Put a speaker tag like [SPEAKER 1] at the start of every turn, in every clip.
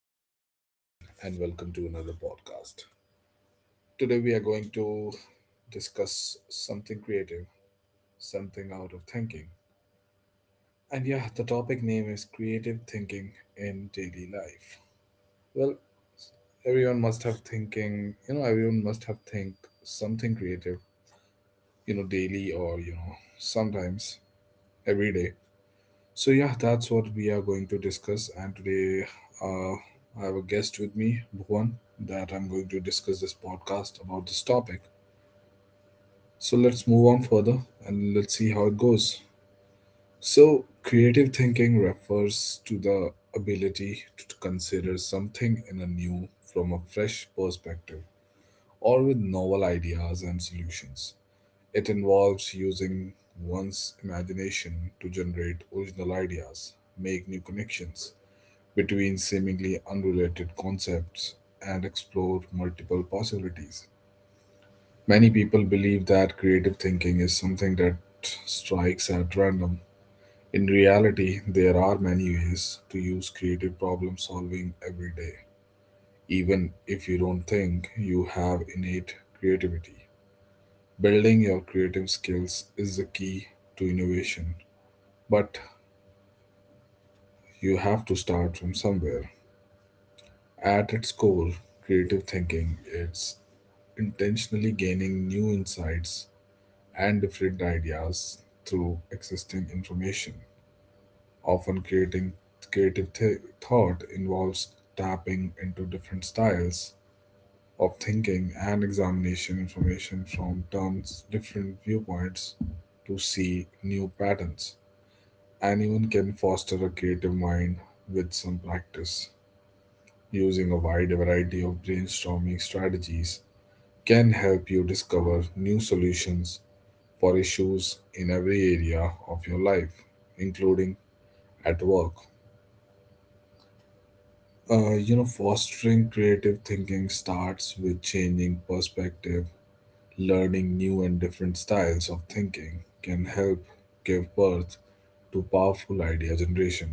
[SPEAKER 1] is your host Naveen, and welcome to another podcast. Today, we are going to discuss something creative, something out of thinking. And yeah, the topic name is creative thinking in daily life. Well, everyone must have thinking, everyone must have think something creative, daily or, sometimes every day. So yeah, that's what we are going to discuss. And today, uh, I have a guest with me, Bhuvan, that I'm going to discuss this podcast about this topic. So let's move on further and let's see how it goes. So creative thinking refers to the ability to consider something in a new from a fresh perspective or with novel ideas and solutions. It involves using one's imagination to generate original ideas, make new connections, between seemingly unrelated concepts and explore multiple possibilities. Many people believe that creative thinking is something that strikes at random. In reality, there are many ways to use creative problem solving every day, even if you don't think you have innate creativity. Building your creative skills is the key to innovation, but you have to start from somewhere. At its core, creative thinking is intentionally gaining new insights and different ideas through existing information. Often, creating creative th- thought involves tapping into different styles of thinking and examination information from terms different viewpoints to see new patterns. Anyone can foster a creative mind with some practice using a wide variety of brainstorming strategies can help you discover new solutions for issues in every area of your life, including at work. Fostering creative thinking starts with changing perspective. Learning new and different styles of thinking can help give birth to powerful idea generation.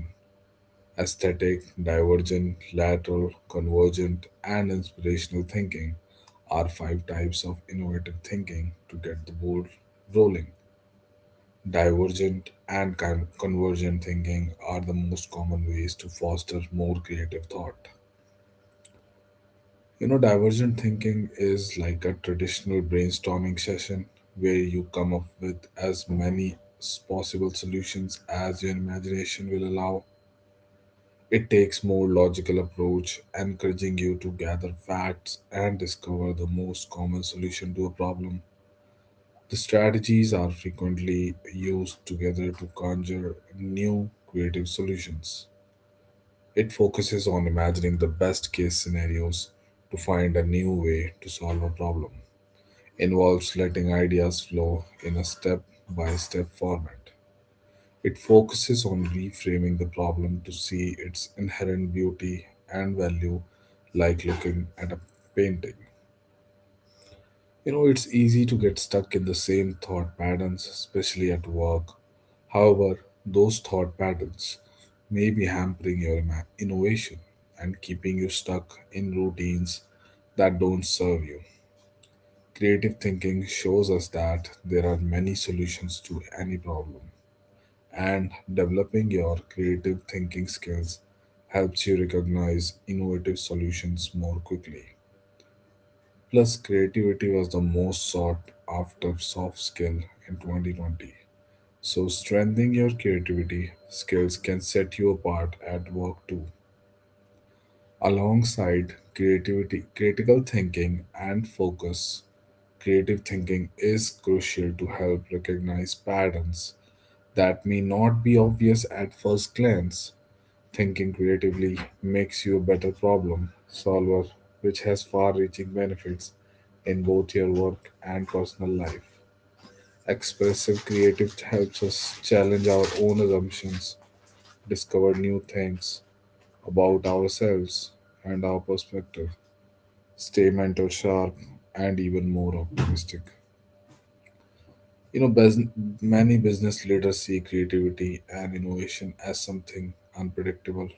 [SPEAKER 1] Aesthetic, divergent, lateral, convergent, and inspirational thinking are five types of innovative thinking to get the ball rolling. Divergent and convergent thinking are the most common ways to foster more creative thought. Divergent thinking is like a traditional brainstorming session where you come up with as many possible solutions as your imagination will allow. It takes more logical approach, encouraging you to gather facts and discover the most common solution to a problem. The strategies are frequently used together to conjure new creative solutions. It focuses on imagining the best case scenarios to find a new way to solve a problem. Involves letting ideas flow in a step by step format. It focuses on reframing the problem to see its inherent beauty and value, like looking at a painting. It's easy to get stuck in the same thought patterns, especially at work. However, those thought patterns may be hampering your innovation and keeping you stuck in routines that don't serve you. Creative thinking shows us that there are many solutions to any problem and developing your creative thinking skills helps you recognize innovative solutions more quickly. Plus, creativity was the most sought after soft skill in 2020. So, strengthening your creativity skills can set you apart at work too. Alongside creativity, critical thinking, and focus, creative thinking is crucial to help recognize patterns that may not be obvious at first glance. Thinking creatively makes you a better problem solver, which has far reaching benefits in both your work and personal life. Expressive creative helps us challenge our own assumptions, discover new things about ourselves and our perspective, stay mental sharp, and even more optimistic. You know, bus- many business leaders see creativity and innovation as something unpredictable.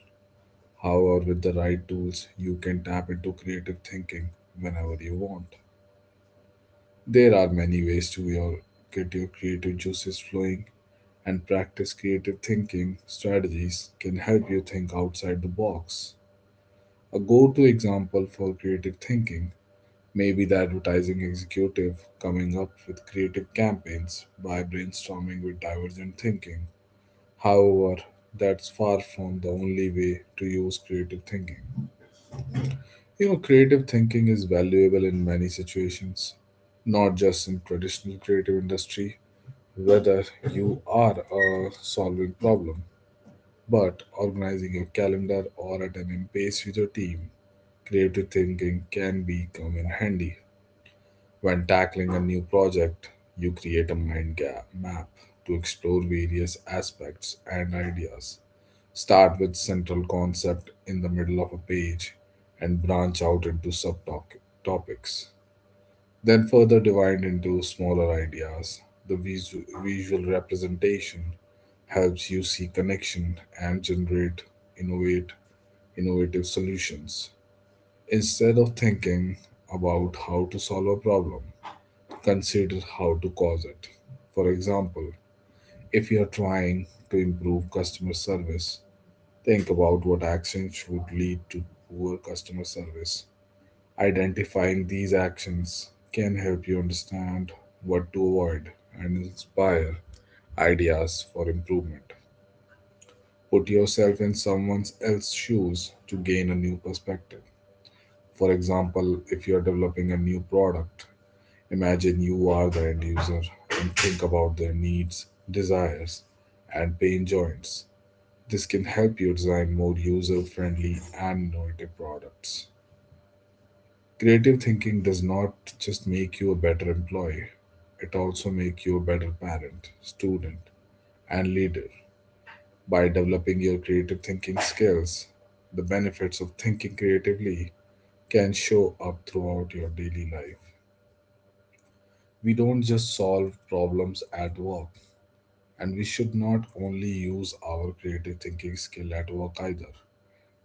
[SPEAKER 1] However, with the right tools, you can tap into creative thinking whenever you want. There are many ways to get your creative juices flowing, and practice creative thinking strategies can help you think outside the box. A go to example for creative thinking may be the advertising executive coming up with creative campaigns by brainstorming with divergent thinking. However, that's far from the only way to use creative thinking. Creative thinking is valuable in many situations, not just in traditional creative industry, whether you are solving problem, but organizing your calendar or at an impasse with your team. Creative thinking can become in handy. When tackling a new project, you create a mind gap map to explore various aspects and ideas. Start with central concept in the middle of a page and branch out into subtopics. Then further divide into smaller ideas. The visual representation helps you see connection and generate innovate innovative solutions. Instead of thinking about how to solve a problem, consider how to cause it. For example, if you are trying to improve customer service, think about what actions would lead to poor customer service. Identifying these actions can help you understand what to avoid and inspire ideas for improvement. Put yourself in someone else's shoes to gain a new perspective. For example, if you are developing a new product, imagine you are the end user and think about their needs, desires, and pain joints. This can help you design more user friendly and innovative products. Creative thinking does not just make you a better employee, it also makes you a better parent, student, and leader. By developing your creative thinking skills, the benefits of thinking creatively can show up throughout your daily life. We don't just solve problems at work, and we should not only use our creative thinking skill at work either.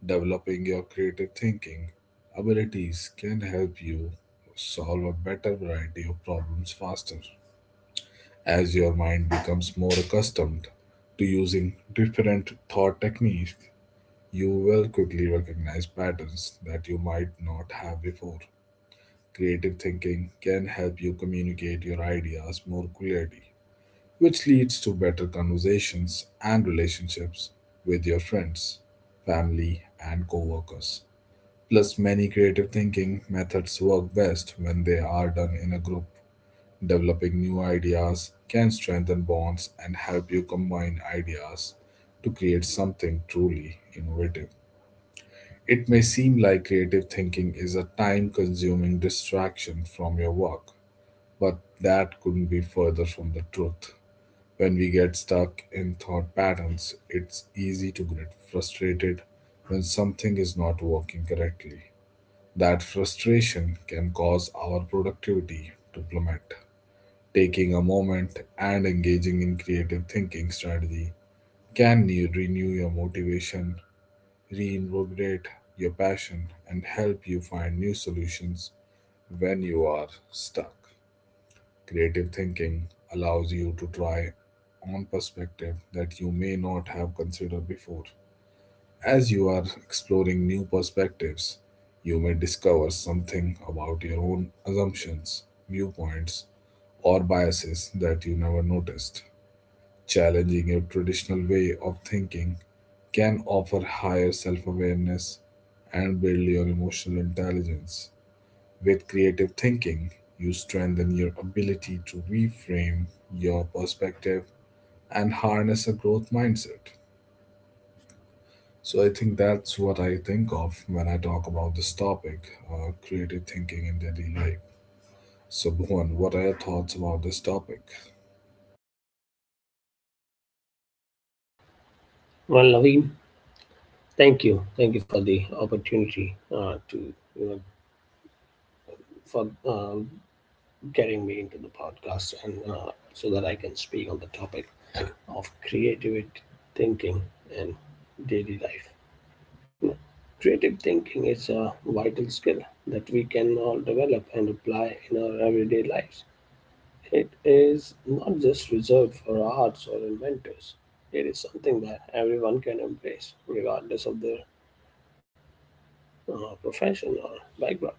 [SPEAKER 1] Developing your creative thinking abilities can help you solve a better variety of problems faster. As your mind becomes more accustomed to using different thought techniques, you will quickly recognize patterns that you might not have before. Creative thinking can help you communicate your ideas more clearly, which leads to better conversations and relationships with your friends, family, and coworkers. Plus, many creative thinking methods work best when they are done in a group. Developing new ideas can strengthen bonds and help you combine ideas to create something truly innovative. It may seem like creative thinking is a time consuming distraction from your work, but that couldn't be further from the truth. When we get stuck in thought patterns, it's easy to get frustrated when something is not working correctly. That frustration can cause our productivity to plummet. Taking a moment and engaging in creative thinking strategy can renew your motivation, reinvigorate your passion, and help you find new solutions when you are stuck. Creative thinking allows you to try on perspective that you may not have considered before. As you are exploring new perspectives, you may discover something about your own assumptions, viewpoints, or biases that you never noticed. Challenging your traditional way of thinking can offer higher self awareness and build your emotional intelligence. With creative thinking, you strengthen your ability to reframe your perspective and harness a growth mindset. So, I think that's what I think of when I talk about this topic, creative thinking in daily life. So, Bhuvan, what are your thoughts about this topic?
[SPEAKER 2] Well, Naveen, thank you. Thank you for the opportunity to, you know, for getting me into the podcast and so that I can speak on the topic of creative thinking and daily life. You know, creative thinking is a vital skill that we can all develop and apply in our everyday lives. It is not just reserved for arts or inventors. It is something that everyone can embrace, regardless of their profession or background.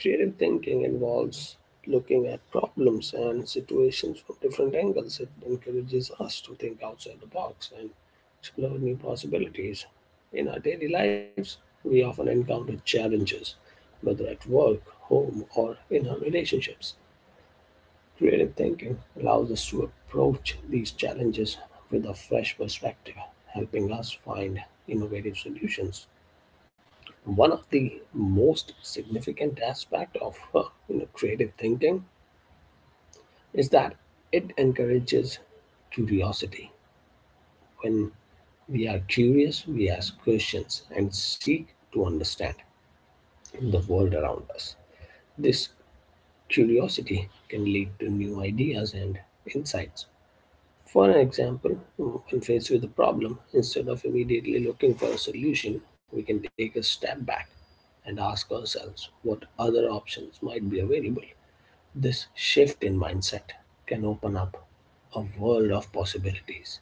[SPEAKER 2] Creative thinking involves looking at problems and situations from different angles. It encourages us to think outside the box and explore new possibilities. In our daily lives, we often encounter challenges, whether at work, home, or in our relationships. Creative thinking allows us to approach these challenges with a fresh perspective, helping us find innovative solutions. One of the most significant aspects of creative thinking is that it encourages curiosity. When we are curious, we ask questions and seek to understand the world around us. This curiosity can lead to new ideas and insights. For an example, when faced with a problem, instead of immediately looking for a solution, we can take a step back and ask ourselves what other options might be available. This shift in mindset can open up a world of possibilities.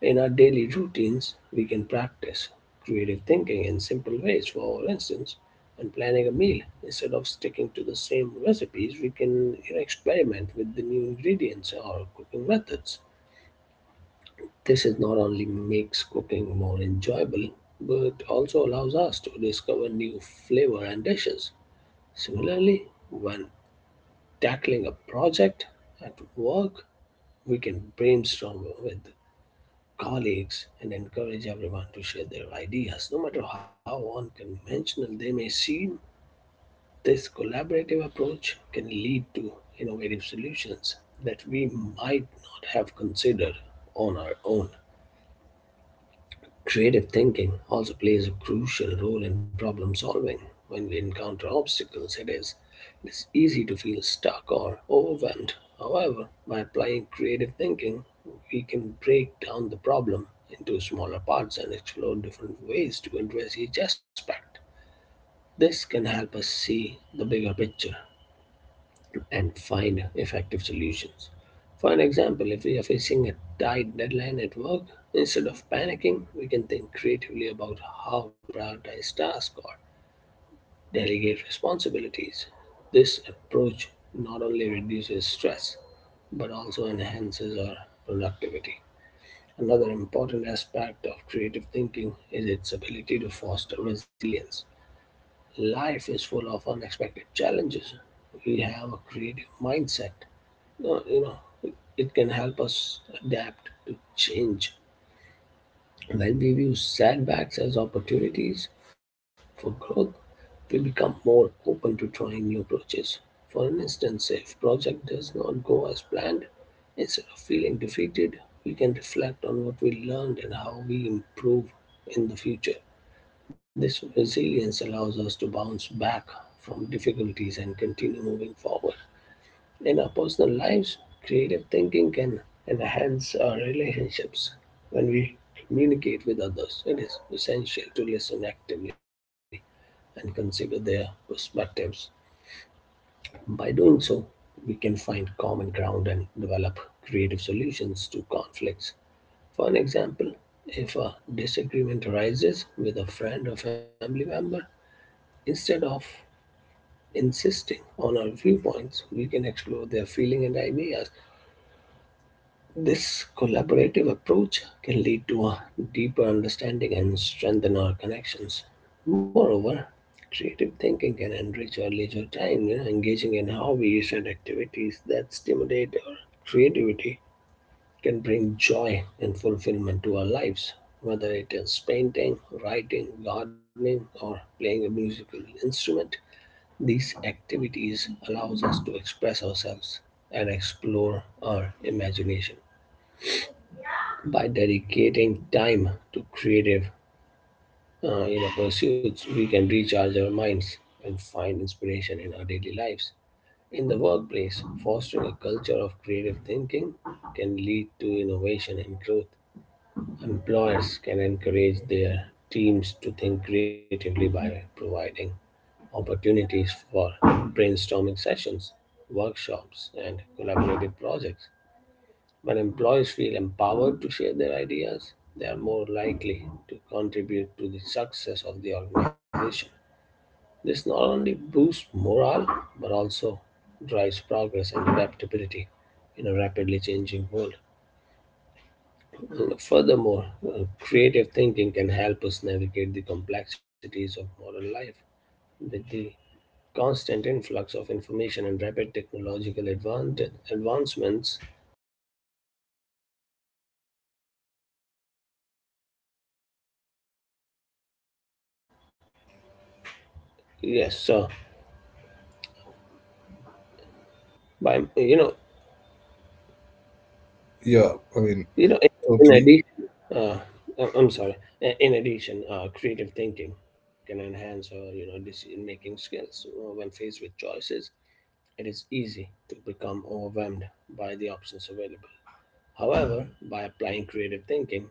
[SPEAKER 2] In our daily routines, we can practice creative thinking in simple ways. For instance, when planning a meal, instead of sticking to the same recipes, we can experiment with the new ingredients or cooking methods. This is not only makes cooking more enjoyable, but also allows us to discover new flavor and dishes. Similarly, when tackling a project at work, we can brainstorm with colleagues and encourage everyone to share their ideas. No matter how unconventional they may seem, this collaborative approach can lead to innovative solutions that we might not have considered on our own. Creative thinking also plays a crucial role in problem solving. When we encounter obstacles, it is easy to feel stuck or overwhelmed. However, by applying creative thinking, we can break down the problem into smaller parts and explore different ways to address each aspect. This can help us see the bigger picture and find effective solutions. For an example, if we are facing a tight deadline at work, instead of panicking, we can think creatively about how to prioritize tasks or delegate responsibilities. This approach not only reduces stress but also enhances our productivity. Another important aspect of creative thinking is its ability to foster resilience. Life is full of unexpected challenges. We have a creative mindset. No, it can help us adapt to change. When we view setbacks as opportunities for growth, we become more open to trying new approaches. For instance, if project does not go as planned, instead of feeling defeated, we can reflect on what we learned and how we improve in the future. This resilience allows us to bounce back from difficulties and continue moving forward. In our personal lives, creative thinking can enhance our relationships. When we communicate with others, it is essential to listen actively and consider their perspectives. By doing so, we can find common ground and develop creative solutions to conflicts. For an example, if a disagreement arises with a friend or family member, instead of insisting on our viewpoints, we can explore their feeling and ideas. This collaborative approach can lead to a deeper understanding and strengthen our connections. Moreover, creative thinking can enrich our leisure time, engaging in hobbies and activities that stimulate our creativity can bring joy and fulfillment to our lives. Whether it is painting, writing, gardening, or playing a musical instrument, these activities allows us to express ourselves and explore our imagination. By dedicating time to creative pursuits, we can recharge our minds and find inspiration in our daily lives. In the workplace, fostering a culture of creative thinking can lead to innovation and growth. Employers can encourage their teams to think creatively by providing opportunities for brainstorming sessions, workshops, and collaborative projects. When employees feel empowered to share their ideas, they are more likely to contribute to the success of the organization. This not only boosts morale but also drives progress and adaptability in a rapidly changing world. Furthermore, creative thinking can help us navigate the complexities of modern life. With the constant influx of information and rapid advancements, yes, so by
[SPEAKER 1] Yeah, I mean,
[SPEAKER 2] you know, in
[SPEAKER 1] totally.
[SPEAKER 2] addition, uh, I- I'm sorry, in addition, creative thinking can enhance our decision making skills. When faced with choices, it is easy to become overwhelmed by the options available. However, by applying creative thinking,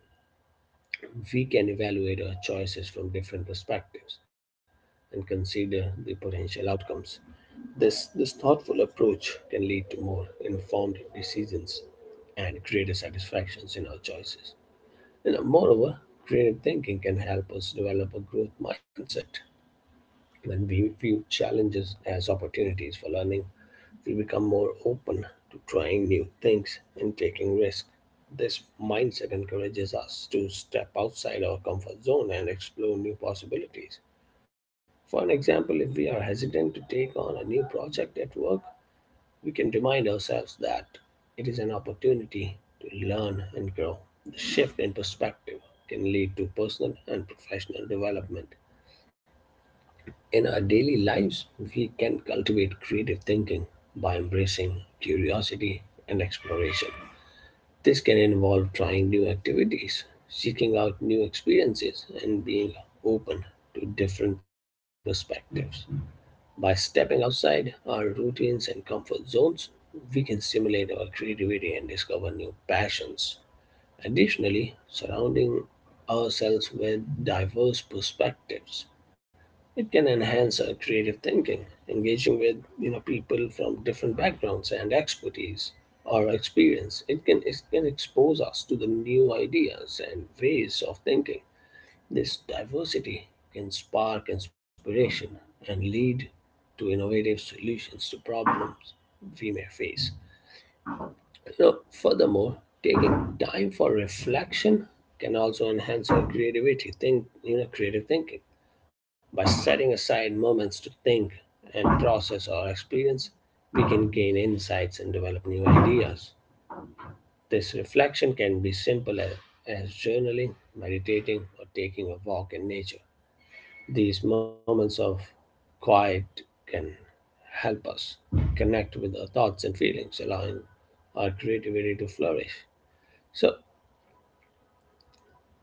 [SPEAKER 2] we can evaluate our choices from different perspectives and consider the potential outcomes. This thoughtful approach can lead to more informed decisions and greater satisfactions in our choices. You know, moreover, creative thinking can help us develop a growth mindset when we view challenges as opportunities for learning we become more open to trying new things and taking risks. This mindset encourages us to step outside our comfort zone and explore new possibilities. For an example, if we are hesitant to take on a new project at work, we can remind ourselves that it is an opportunity to learn and grow. The shift in perspective can lead to personal and professional development. In our daily lives, we can cultivate creative thinking by embracing curiosity and exploration. This can involve trying new activities, seeking out new experiences, and being open to different perspectives. By stepping outside our routines and comfort zones, we can stimulate our creativity and discover new passions. Additionally, surrounding ourselves with diverse perspectives it can enhance our creative thinking, engaging with people from different backgrounds and expertise or experience. It can expose us to the new ideas and ways of thinking. This diversity can spark inspiration and lead to innovative solutions to problems we may face. You know, furthermore, taking time for reflection can also enhance our creativity, creative thinking. By setting aside moments to think and process our experience, we can gain insights and develop new ideas. This reflection can be simple as journaling, meditating, or taking a walk in nature. These moments of quiet can help us connect with our thoughts and feelings, allowing our creativity to flourish. So,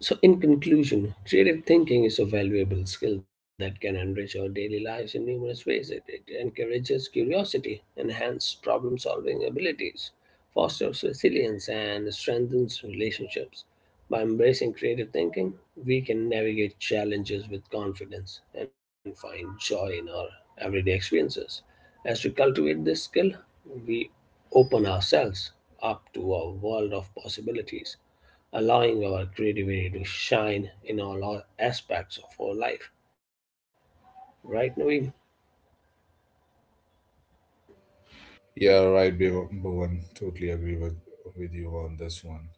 [SPEAKER 2] So, in conclusion, creative thinking is a valuable skill that can enrich our daily lives in numerous ways. It encourages curiosity, enhances problem solving abilities, fosters resilience, and strengthens relationships. By embracing creative thinking, we can navigate challenges with confidence and find joy in our everyday experiences. As we cultivate this skill, we open ourselves up to a world of possibilities allowing our creativity to shine in all our aspects of our life. Right, Naveen?
[SPEAKER 1] Yeah, right, Bhuvan. Totally agree with, you on this one.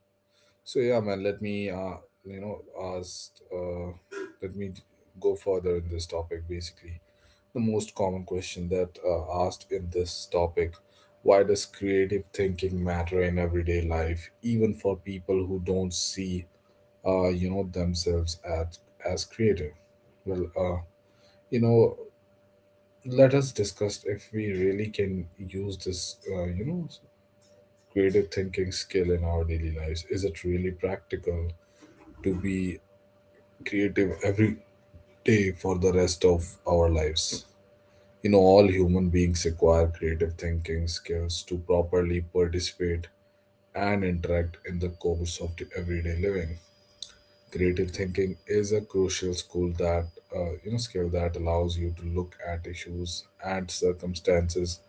[SPEAKER 1] So, yeah, man, let me, you know, ask, let me go further in this topic. Basically, the most common question that asked in this topic: why does creative thinking matter in everyday life, even for people who don't see themselves as creative? Well, you know let us discuss if we really can use this creative thinking skill in our daily lives. Is it really practical to be creative every day for the rest of our lives? All human beings acquire creative thinking skills to properly participate and interact in the course of the everyday living. Creative thinking is a crucial skill that allows you to look at issues and circumstances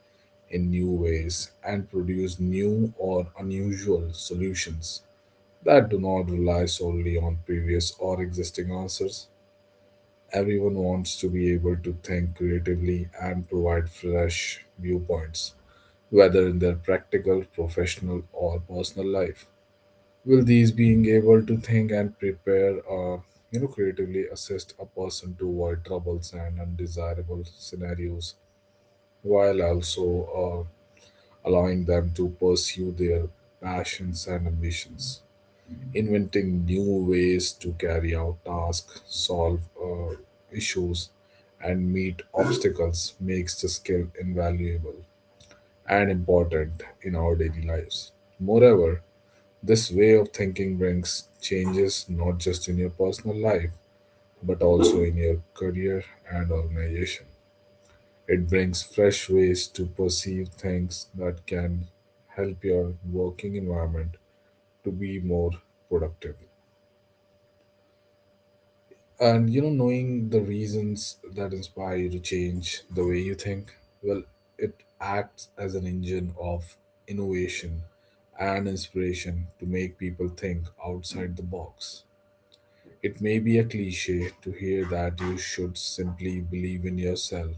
[SPEAKER 1] in new ways and produce new or unusual solutions that do not rely solely on previous or existing answers. Everyone wants to be able to think creatively and provide fresh viewpoints, whether in their practical, professional, or personal life. Will these being able to think and prepare, creatively assist a person to avoid troubles and undesirable scenarios, while also allowing them to pursue their passions and ambitions, inventing new ways to carry out tasks, solve issues, and meet obstacles makes the skill invaluable and important in our daily lives. Moreover, this way of thinking brings changes not just in your personal life, but also in your career and organization. It brings fresh ways to perceive things that can help your working environment to be more productive. And knowing the reasons that inspire you to change the way you think, well, it acts as an engine of innovation and inspiration to make people think outside the box. It may be a cliche to hear that you should simply believe in yourself.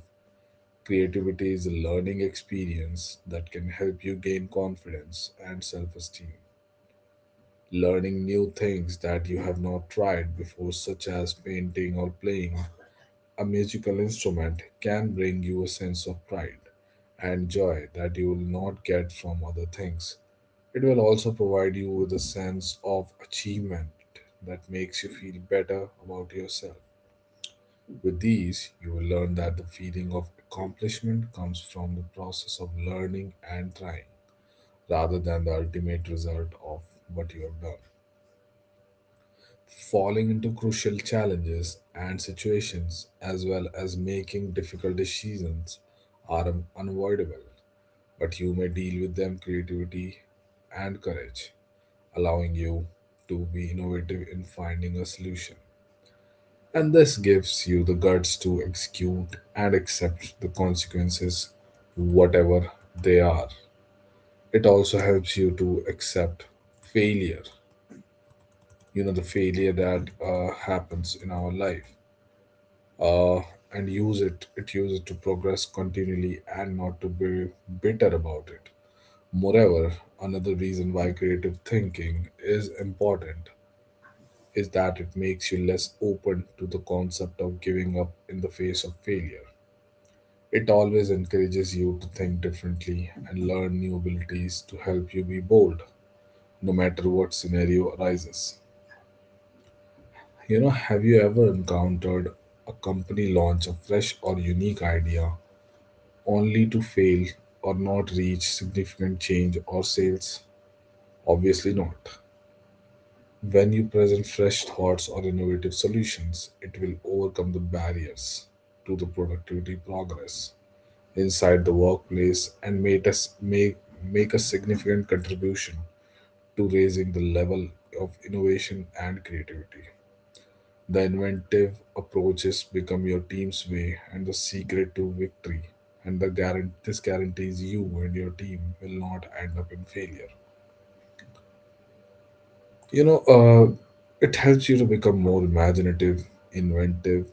[SPEAKER 1] Creativity is a learning experience that can help you gain confidence and self esteem. Learning new things that you have not tried before, such as painting or playing, a musical instrument can bring you a sense of pride and joy that you will not get from other things. It will also provide you with a sense of achievement that makes you feel better about yourself. With these, you will learn that the feeling of accomplishment comes from the process of learning and trying rather than the ultimate result of what you have done. Falling into crucial challenges and situations as well as making difficult decisions are unavoidable, but you may deal with them creativity and courage, allowing you to be innovative in finding a solution. And this gives you the guts to execute and accept the consequences, whatever they are. It also helps you to accept failure. You know, the failure that happens in our life, uh, and use it, uses to progress continually and not to be bitter about it. Moreover, another reason why creative thinking is important is that it makes you less open to the concept of giving up in the face of failure. It always encourages you to think differently and learn new abilities to help you be bold, no matter what scenario arises. You know, have you ever encountered a company launch a fresh or unique idea, only to fail or not reach significant change or sales? Obviously not. When you present fresh thoughts or innovative solutions, it will overcome the barriers to the productivity progress inside the workplace, and make us make a significant contribution to raising the level of innovation and creativity. The inventive approaches become your team's way and the secret to victory. And the this guarantees you and your team will not end up in failure. You know, it helps you to become more imaginative, inventive,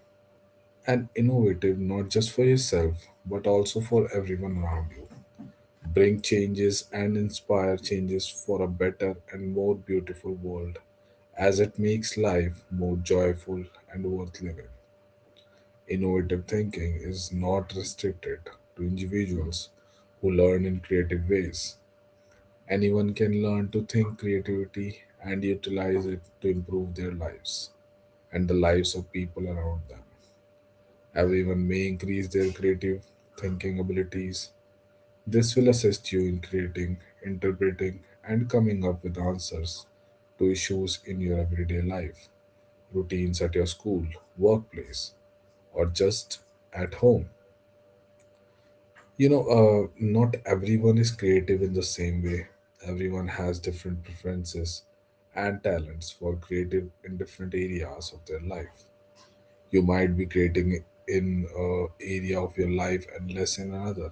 [SPEAKER 1] and innovative, not just for yourself, but also for everyone around you. Bring changes and inspire changes for a better and more beautiful world, as it makes life more joyful and worth living. Innovative thinking is not restricted to individuals who learn in creative ways. Anyone can learn to think creativity and utilize it to improve their lives and the lives of people around them. Everyone may increase their creative thinking abilities. This will assist you in creating, interpreting, and coming up with answers to issues in your everyday life, routines at your school, workplace, or just at home. You know, not everyone is creative in the same way. Everyone has different preferences and talents for creative in different areas of their life. You might be creating in a area of your life and less in another.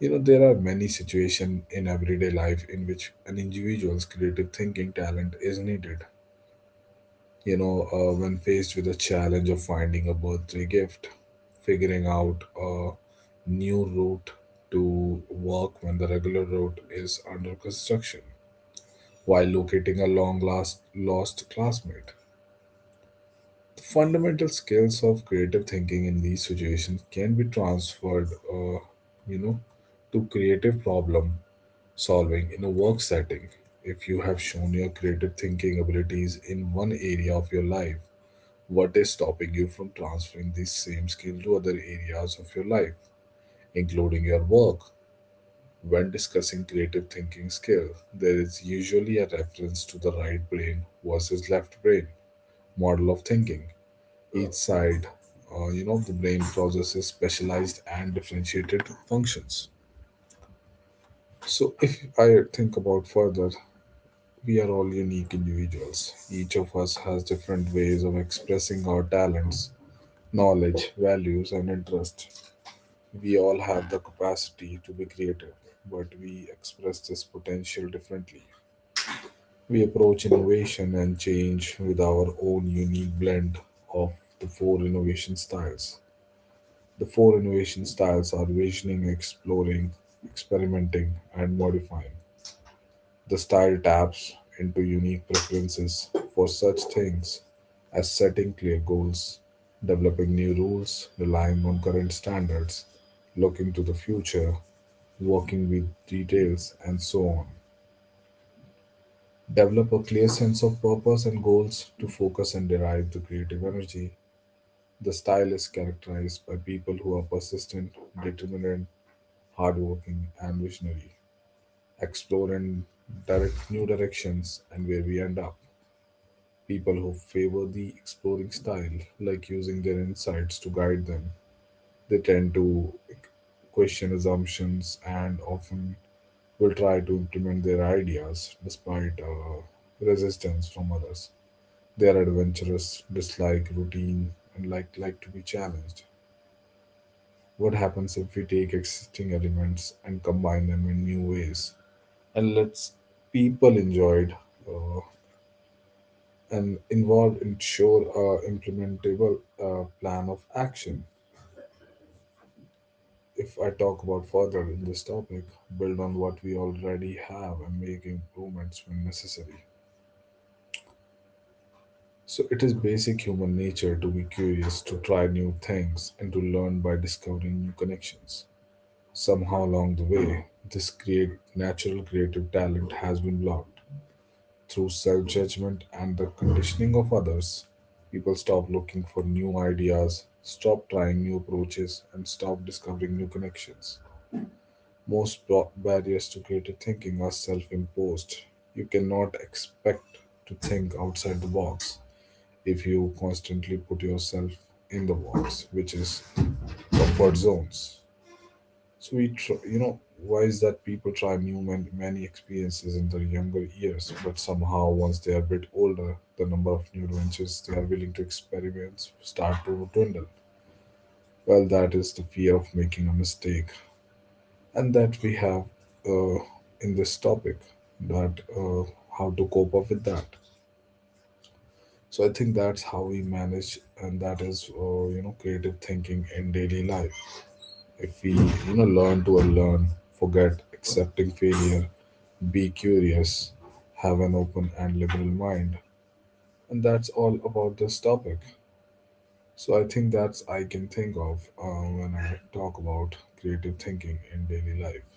[SPEAKER 1] You know, there are many situations in everyday life in which an individual's creative thinking talent is needed. You know, when faced with the challenge of finding a birthday gift, figuring out a new route to work when the regular route is under construction, while locating a long last lost classmate. The fundamental skills of creative thinking in these situations can be transferred, you know, to creative problem solving in a work setting. If you have shown your creative thinking abilities in one area of your life, what is stopping you from transferring this same skill to other areas of your life, including your work? When discussing creative thinking skill, there is usually a reference to the right brain versus left brain model of thinking. Each side, of the brain processes specialized and differentiated functions. So, if I think about further, we are all unique individuals. Each of us has different ways of expressing our talents, knowledge, values, and interests. We all have the capacity to be creative, but we express this potential differently. We approach innovation and change with our own unique blend of the four innovation styles. The four innovation styles are visioning, exploring, experimenting, and modifying. The style taps into unique preferences for such things as setting clear goals, developing new rules, relying on current standards, looking to the future, working with details, and so on. Develop a clear sense of purpose and goals to focus and derive the creative energy. The style is characterized by people who are persistent, determined, hardworking, and visionary, explore and direct new directions and where we end up. People who favor the exploring style, like using their insights to guide them, they tend to question assumptions and often will try to implement their ideas despite resistance from others. They are adventurous, dislike routine, and like to be challenged. What happens if we take existing elements and combine them in new ways and lets people enjoy it? Uh, and involved ensure a implementable plan of action. If I talk about further in this topic, build on what we already have and make improvements when necessary. So it is basic human nature to be curious, to try new things, and to learn by discovering new connections. Somehow along the way, this create natural creative talent has been blocked through self judgment and the conditioning of others. People stop looking for new ideas, stop trying new approaches, and stop discovering new connections. Most barriers to creative thinking are self imposed. You cannot expect to think outside the box if you constantly put yourself in the box, which is comfort zones. So we, tr- you know, Why is that people try new many experiences in their younger years, but somehow once they are a bit older, the number of new adventures they are willing to experiment start to dwindle. Well, that is the fear of making a mistake, and that we have uh, in this topic that uh, how to cope up with that. So I think that's how we manage, and that is uh, creative thinking in daily life. If we, you know, learn to unlearn, forget accepting failure. Be curious, have an open and liberal mind. And that's all about this topic. So I think that's I can think of when I talk about creative thinking in daily life.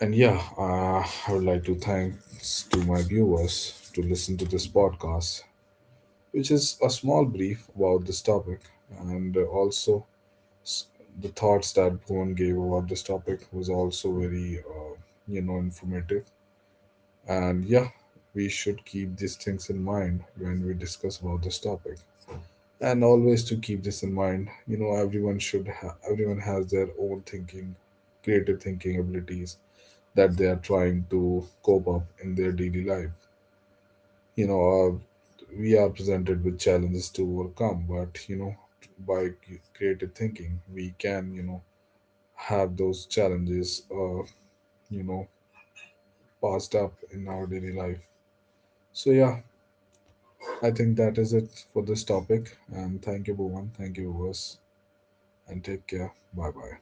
[SPEAKER 1] And yeah, I would like to thanks to my viewers to listen to this podcast, which is a small brief about this topic, and also s- the thoughts that Bhuvan gave about this topic was also very, informative. And yeah, we should keep these things in mind when we discuss about this topic. And always to keep this in mind, you know, everyone has their own thinking, creative thinking abilities that they are trying to cope up in their daily life. You know, we are presented with challenges to overcome, but, you know, by creative thinking, we can, you know, have those challenges, you know, passed up in our daily life. So yeah, I think that is it for this topic. And thank you, Bhuvan. Thank you, viewers. And take care. Bye bye.